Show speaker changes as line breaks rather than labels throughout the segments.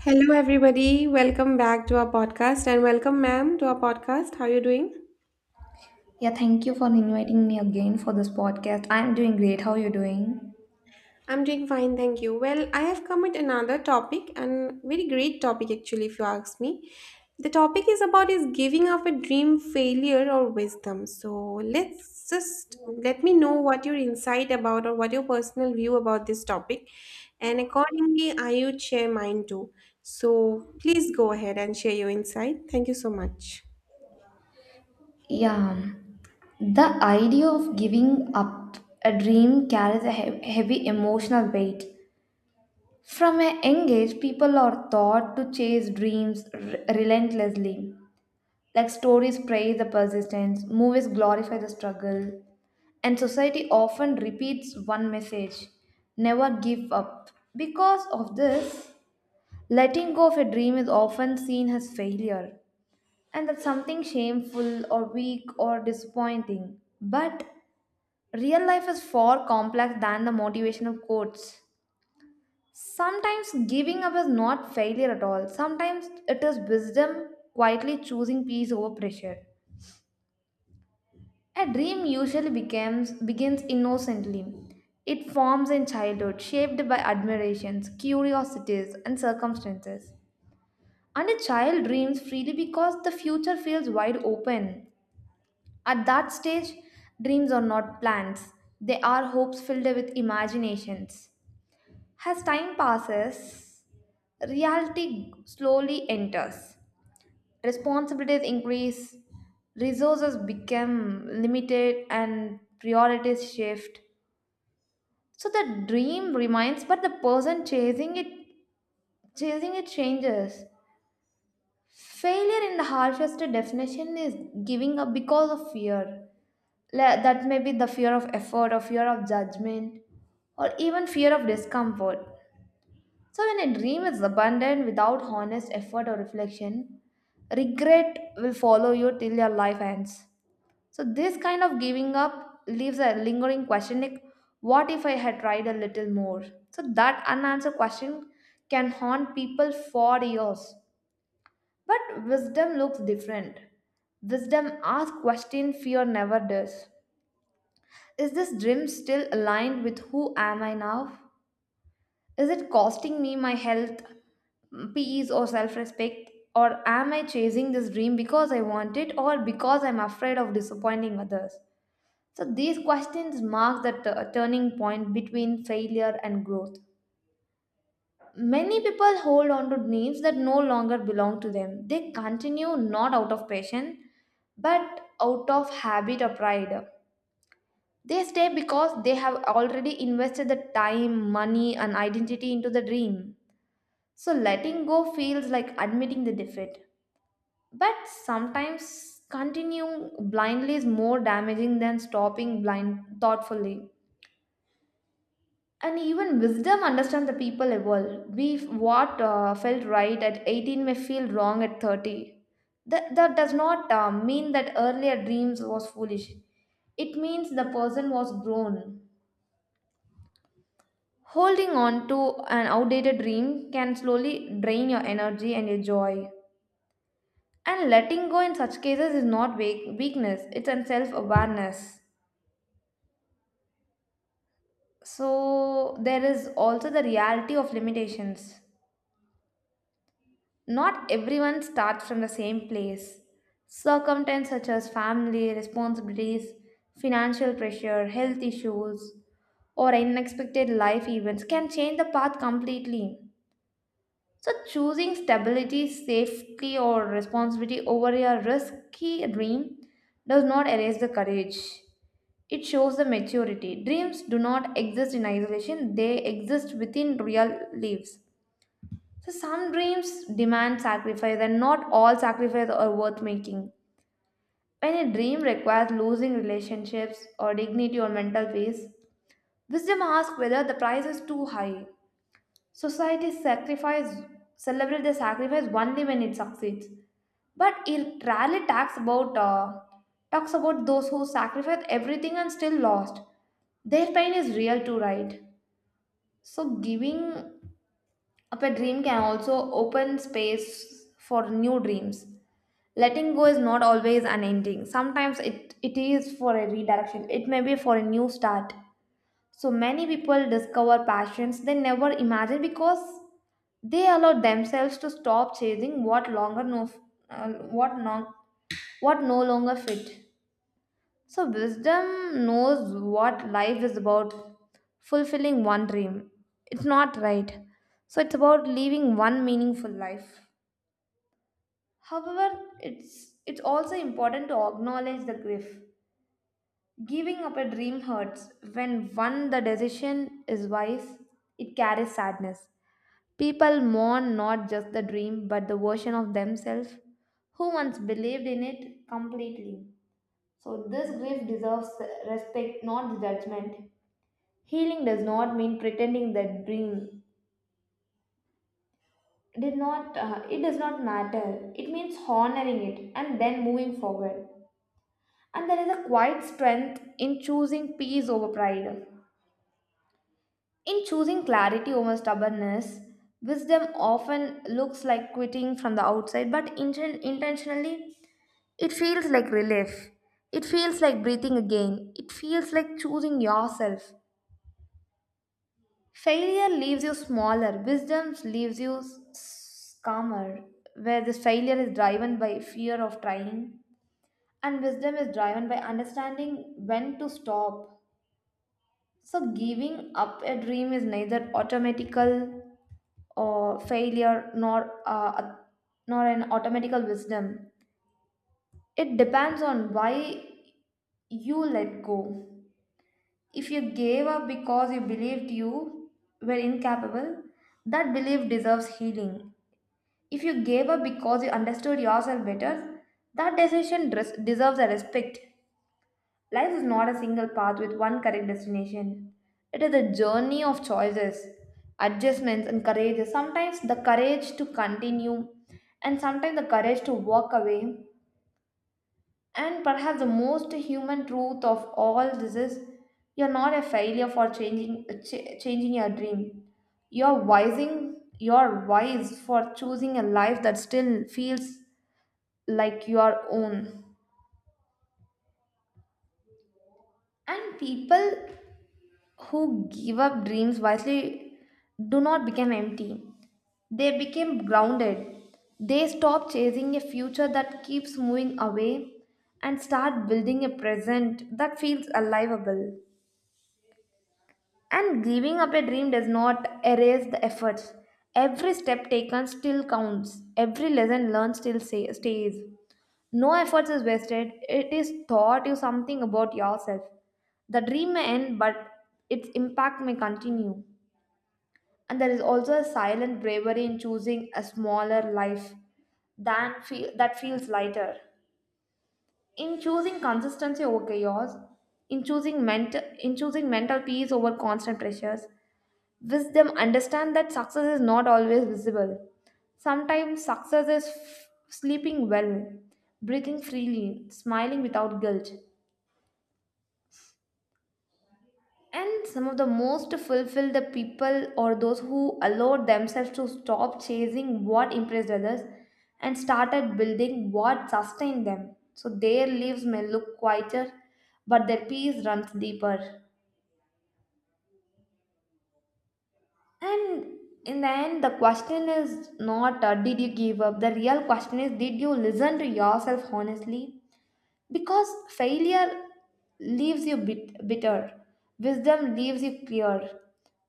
Hello, everybody. Welcome back to our podcast, and welcome, ma'am, to our podcast. How are you doing?
Yeah, thank you for inviting me again for this podcast. I'm doing great. How are you doing?
I'm doing fine, thank you. Well, I have come with another topic, and very great topic, actually, if you ask me. The topic is about is giving up a dream failure or wisdom. So let me know what your insight about or what your personal view about this topic, and accordingly, I would share mine too. So please go ahead and share your insight. Thank you so much.
Yeah, the idea of giving up a dream carries a heavy emotional weight. From a young age, people are taught to chase dreams relentlessly. Like, stories praise the persistence, movies glorify the struggle, and society often repeats one message: never give up. Because of this, letting go of a dream is often seen as failure, and that's something shameful or weak or disappointing. But real life is far complex than the motivational quotes. Sometimes giving up is not failure at all. Sometimes it is wisdom quietly choosing peace over pressure. A dream usually becomes begins innocently. It forms in childhood, shaped by admirations, curiosities, and circumstances. And a child dreams freely because the future feels wide open. At that stage, dreams are not plans, they are hopes filled with imaginations. As time passes, reality slowly enters. Responsibilities increase, resources become limited, and priorities shift. So the dream remains, but the person chasing it changes. Failure, in the harshest definition, is giving up because of fear. That may be the fear of effort, or fear of judgment, or even fear of discomfort. So, when a dream is abandoned without honest effort or reflection, regret will follow you till your life ends. So, this kind of giving up leaves a lingering question like, what if I had tried a little more? So, that unanswered question can haunt people for years. But wisdom looks different. Wisdom asks question fear never does. Is this dream still aligned with who am I now? Is it costing me my health, peace or self-respect? Or am I chasing this dream because I want it or because I'm afraid of disappointing others? So these questions mark the turning point between failure and growth. Many people hold on to names that no longer belong to them. They continue not out of passion but out of habit or pride. They stay because they have already invested the time, money, and identity into the dream. So letting go feels like admitting the defeat. But sometimes continuing blindly is more damaging than stopping blind thoughtfully. And even wisdom understands the people evolve. We what felt right at 18 may feel wrong at 30. That does not mean that earlier dreams was foolish. It means the person was grown. Holding on to an outdated dream can slowly drain your energy and your joy. And letting go in such cases is not weakness, it's an self-awareness. So there is also the reality of limitations. Not everyone starts from the same place. Circumstances such as family, responsibilities, financial pressure, health issues, or unexpected life events can change the path completely. So, choosing stability, safety, or responsibility over a risky dream does not erase the courage. It shows the maturity. Dreams do not exist in isolation, they exist within real lives. So some dreams demand sacrifice and not all sacrifice are worth making. When a dream requires losing relationships or dignity or mental peace, wisdom asks whether the price is too high. Society sacrifice celebrate the sacrifice only when it succeeds. But it rarely talks about those who sacrifice everything and still lost. Their pain is real too, right? So giving a pet dream can also open space for new dreams. Letting go is not always an ending. Sometimes it is for a redirection, it may be for a new start. So many people discover passions they never imagined because they allow themselves to stop chasing what longer no, what no, what no longer fit. So, wisdom knows what life is about fulfilling one dream. It's not right. So, it's about living one meaningful life. However, it's also important to acknowledge the grief. Giving up a dream hurts. When one the decision is wise, it carries sadness. People mourn not just the dream but the version of themselves who once believed in it completely. So, this grief deserves respect, not judgment. Healing does not mean pretending that dream did not it does not matter. It means honoring it and then moving forward. And there is a quiet strength in choosing peace over pride. In choosing clarity over stubbornness, wisdom often looks like quitting from the outside, but intentionally, it feels like relief. It feels like breathing again. It feels like choosing yourself. Failure leaves you smaller, wisdom leaves you calmer, where this failure is driven by fear of trying, and wisdom is driven by understanding when to stop. So, giving up a dream is neither automatical or failure nor nor an automatical wisdom. It depends on why you let go. If you gave up because you believed you were incapable, that belief deserves healing. If you gave up because you understood yourself better, that decision deserves a respect. Life is not a single path with one correct destination. It is a journey of choices, adjustments, and courage. Sometimes the courage to continue, and sometimes the courage to walk away. And perhaps the most human truth of all this is you're not a failure for changing your dream. You're wise for choosing a life that still feels like your own. And people who give up dreams wisely do not become empty. They become grounded. They stop chasing a future that keeps moving away and start building a present that feels aliveable. And giving up a dream does not erase the efforts. Every step taken still counts. Every lesson learned stays. No efforts is wasted. It is taught you something about yourself. The dream may end, but its impact may continue. And there is also a silent bravery in choosing a smaller life that feels lighter. In choosing consistency over chaos, in choosing mental peace over constant pressures, wisdom understand that success is not always visible. Sometimes success is sleeping well, breathing freely, smiling without guilt. And some of the most fulfilled the people are those who allowed themselves to stop chasing what impressed others and started building what sustained them. So their lives may look quieter, but their peace runs deeper. And in the end, the question is not did you give up? The real question is, did you listen to yourself honestly? Because failure leaves you bitter, wisdom leaves you clear,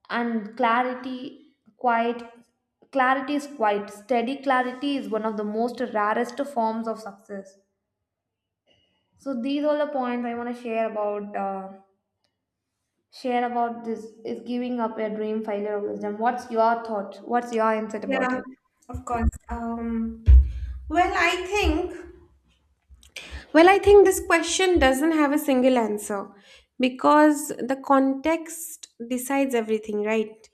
and clarity quiet. Clarity is quiet. Steady clarity is one of the most rarest forms of success. So these are the points I want to share about this is giving up your dream failure of wisdom. What's your thought? What's your insight about
Yeah,
it?
of course. Well, I think, I think this question doesn't have a single answer, because the context decides everything, right?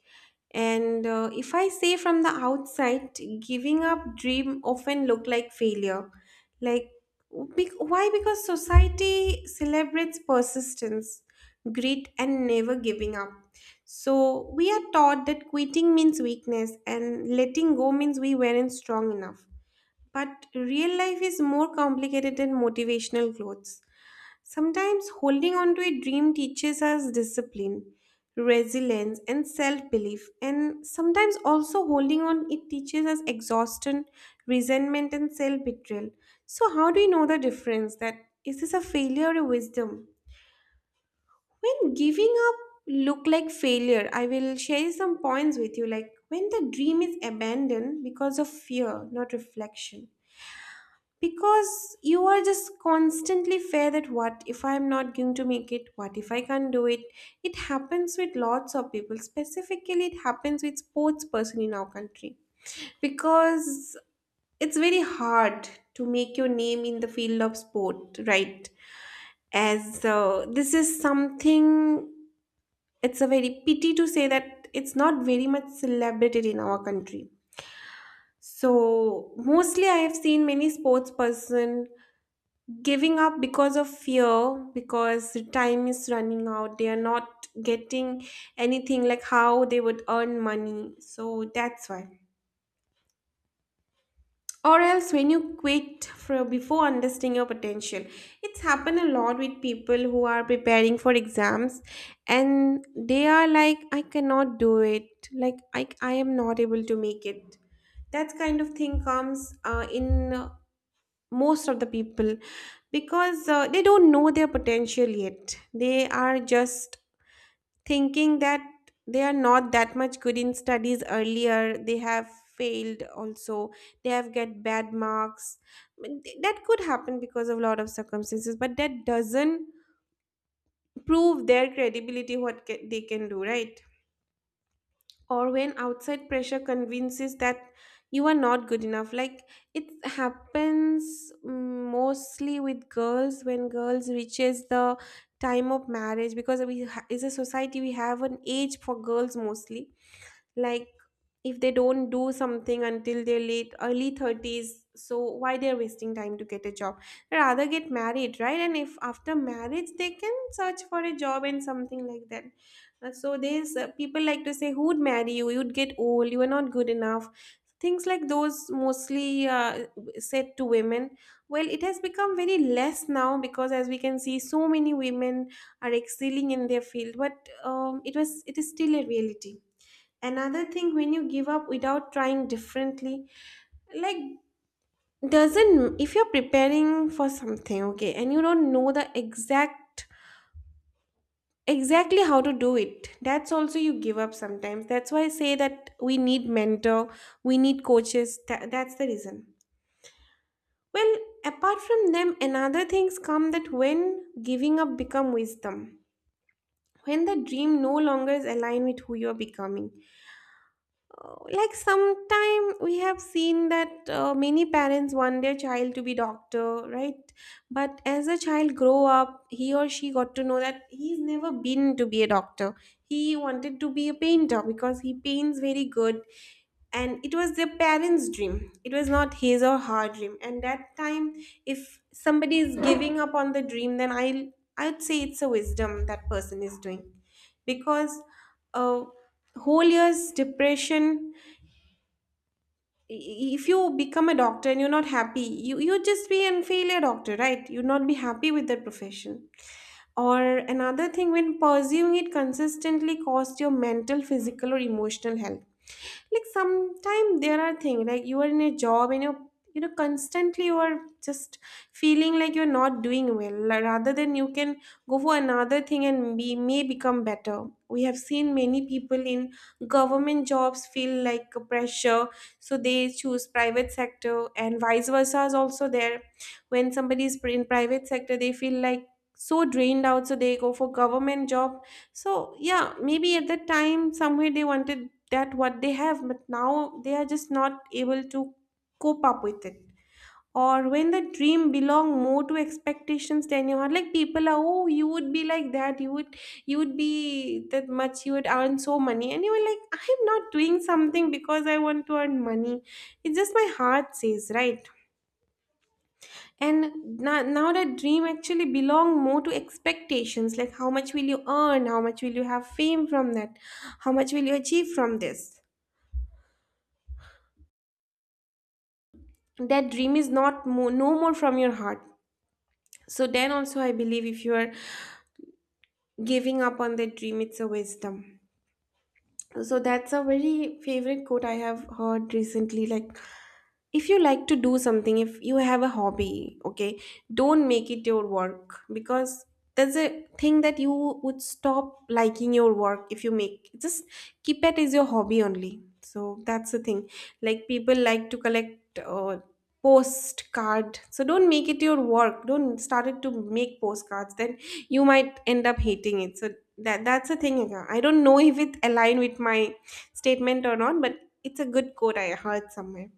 And if I say from the outside, giving up dream often look like failure. Like why? Because society celebrates persistence, grit, and never giving up. So we are taught that quitting means weakness and letting go means we weren't strong enough. But real life is more complicated than motivational quotes. Sometimes holding on to a dream teaches us discipline, resilience, and self belief. And sometimes also holding on, it teaches us exhaustion, resentment, and self betrayal. So, how do you know the difference? That is this a failure or a wisdom? When giving up look like failure, I will share some points with you. Like when the dream is abandoned because of fear, not reflection, because you are just constantly fear that what if I'm not going to make it, what if I can't do it. It happens with lots of people. Specifically, it happens with sports person in our country, because it's very hard to make your name in the field of sport, right? as this is something, it's a very pity to say that it's not very much celebrated in our country. So mostly I have seen many sports person giving up because of fear, because the time is running out, they are not getting anything, like how they would earn money, so that's why. Or else when you quit for, before understanding your potential, it's happened a lot with people who are preparing for exams and they are like I cannot do it, like I am not able to make it. That kind of thing comes in most of the people, because they don't know their potential yet. They are just thinking that they are not that much good in studies. Earlier they have failed also, they have get bad marks. That could happen because of a lot of circumstances, but that doesn't prove their credibility, what they can do, right? Or when outside pressure convinces that you are not good enough. Like it happens mostly with girls, when girls reaches the time of marriage, because we is a society we have an age for girls mostly. Like if they don't do something until their late early 30s, so why they're wasting time to get a job, rather get married, right? And if after marriage they can search for a job and something like that. So there's people like to say, who would marry you, you'd get old, you are not good enough. Things like those, mostly said to women. Well, it has become very less now, because as we can see so many women are excelling in their field, but it was, it is still a reality. Another thing, when you give up without trying differently, like doesn't, if you're preparing for something, okay, and you don't know the exact exactly how to do it, that's also you give up sometimes. That's why I say that we need mentor, we need coaches. That's the reason. Well, apart from them, another things come, that when giving up become wisdom, when the dream no longer is aligned with who you're becoming. Like sometime we have seen that many parents want their child to be doctor, right? But as a child grow up, he or she got to know that he's never been to be a doctor. He wanted to be a painter because he paints very good, and it was their parents dream, it was not his or her dream. And that time, if somebody is giving up on the dream, then I'd say it's a wisdom, that person is doing. Because uh, whole year's depression, if you become a doctor and you're not happy, you just be and fail a doctor, right? You'd not be happy with that profession. Or another thing, when pursuing it consistently costs your mental, physical, or emotional health. Like sometimes there are things like you are in a job, and you're, you know, constantly you are just feeling like you're not doing well, like, rather than you can go for another thing and be, may become better. We have seen many people in government jobs feel like a pressure, so they choose private sector, and vice versa is also there. When somebody is in private sector, they feel like so drained out, so they go for government job. So yeah, maybe at that time somewhere they wanted that what they have, but now they are just not able to cope up with it. Or when the dream belong more to expectations than you are, like people are, oh, you would be like that, you would be that much, you would earn so money, and you were like, I'm not doing something because I want to earn money, it's just my heart says, right? And now that dream actually belong more to expectations, like how much will you earn, how much will you have fame from that, how much will you achieve from this. That dream is not no more from your heart. So then also I believe, if you are giving up on that dream, it's a wisdom. So that's a very favorite quote I have heard recently. Like if you like to do something, if you have a hobby, okay, don't make it your work, because there's a thing that you would stop liking your work if you make, just keep it as your hobby only. So that's the thing. Like people like to collect postcard, so don't make it your work, don't start it to make postcards, then you might end up hating it. So that's the thing. I don't know if it align with my statement or not, but it's a good quote I heard somewhere.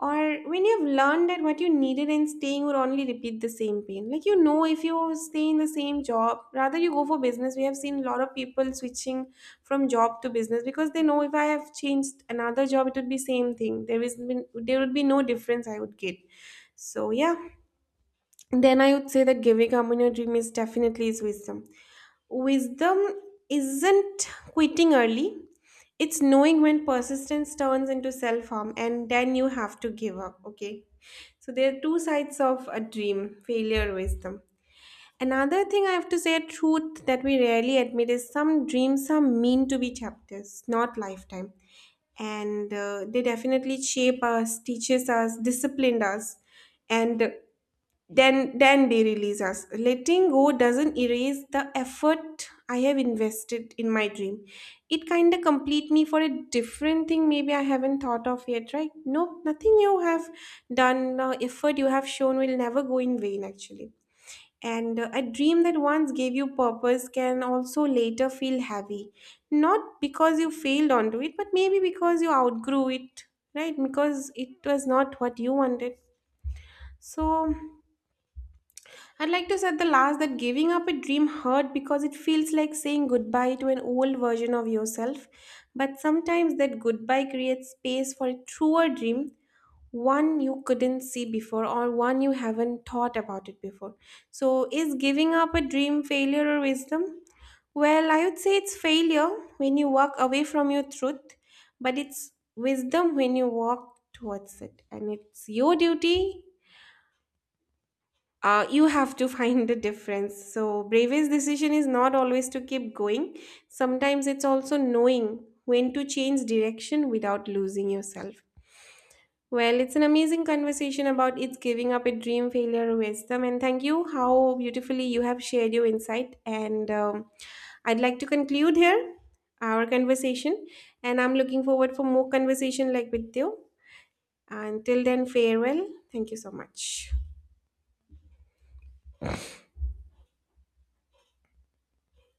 Or when you've learned that what you needed in staying would only repeat the same pain. Like you know, if you stay in the same job, rather you go for business. We have seen a lot of people switching from job to business, because they know if I have changed another job, it would be same thing. There is been, there would be no difference I would get. So yeah, then I would say that giving up on your dream is definitely is wisdom. Wisdom isn't quitting early. It's knowing when persistence turns into self harm, and then you have to give up. Okay. So there are two sides of a dream, failure, wisdom. Another thing I have to say, a truth that we rarely admit is, some dreams are meant to be chapters, not lifetime. And they definitely shape us, teaches us, disciplined us, and then they release us. Letting go doesn't erase the effort I have invested in my dream. It kind of complete me for a different thing, maybe I haven't thought of yet, right? No, nothing you have done, effort you have shown, will never go in vain, actually. And a dream that once gave you purpose can also later feel heavy, not because you failed onto it, but maybe because you outgrew it, right? Because it was not what you wanted. So I'd like to say at the last, that giving up a dream hurt, because it feels like saying goodbye to an old version of yourself. But sometimes that goodbye creates space for a truer dream, one you couldn't see before, or one you haven't thought about it before. So, is giving up a dream failure or wisdom? Well, I would say it's failure when you walk away from your truth, but it's wisdom when you walk towards it. And it's your duty, you have to find the difference. So, bravest decision is not always to keep going. Sometimes it's also knowing when to change direction without losing yourself. Well, it's an amazing conversation about, it's giving up a dream, failure, or wisdom. And thank you how beautifully you have shared your insight. And I'd like to conclude here our conversation. And I'm looking forward for more conversation like with you. Until then, farewell. Thank you so much.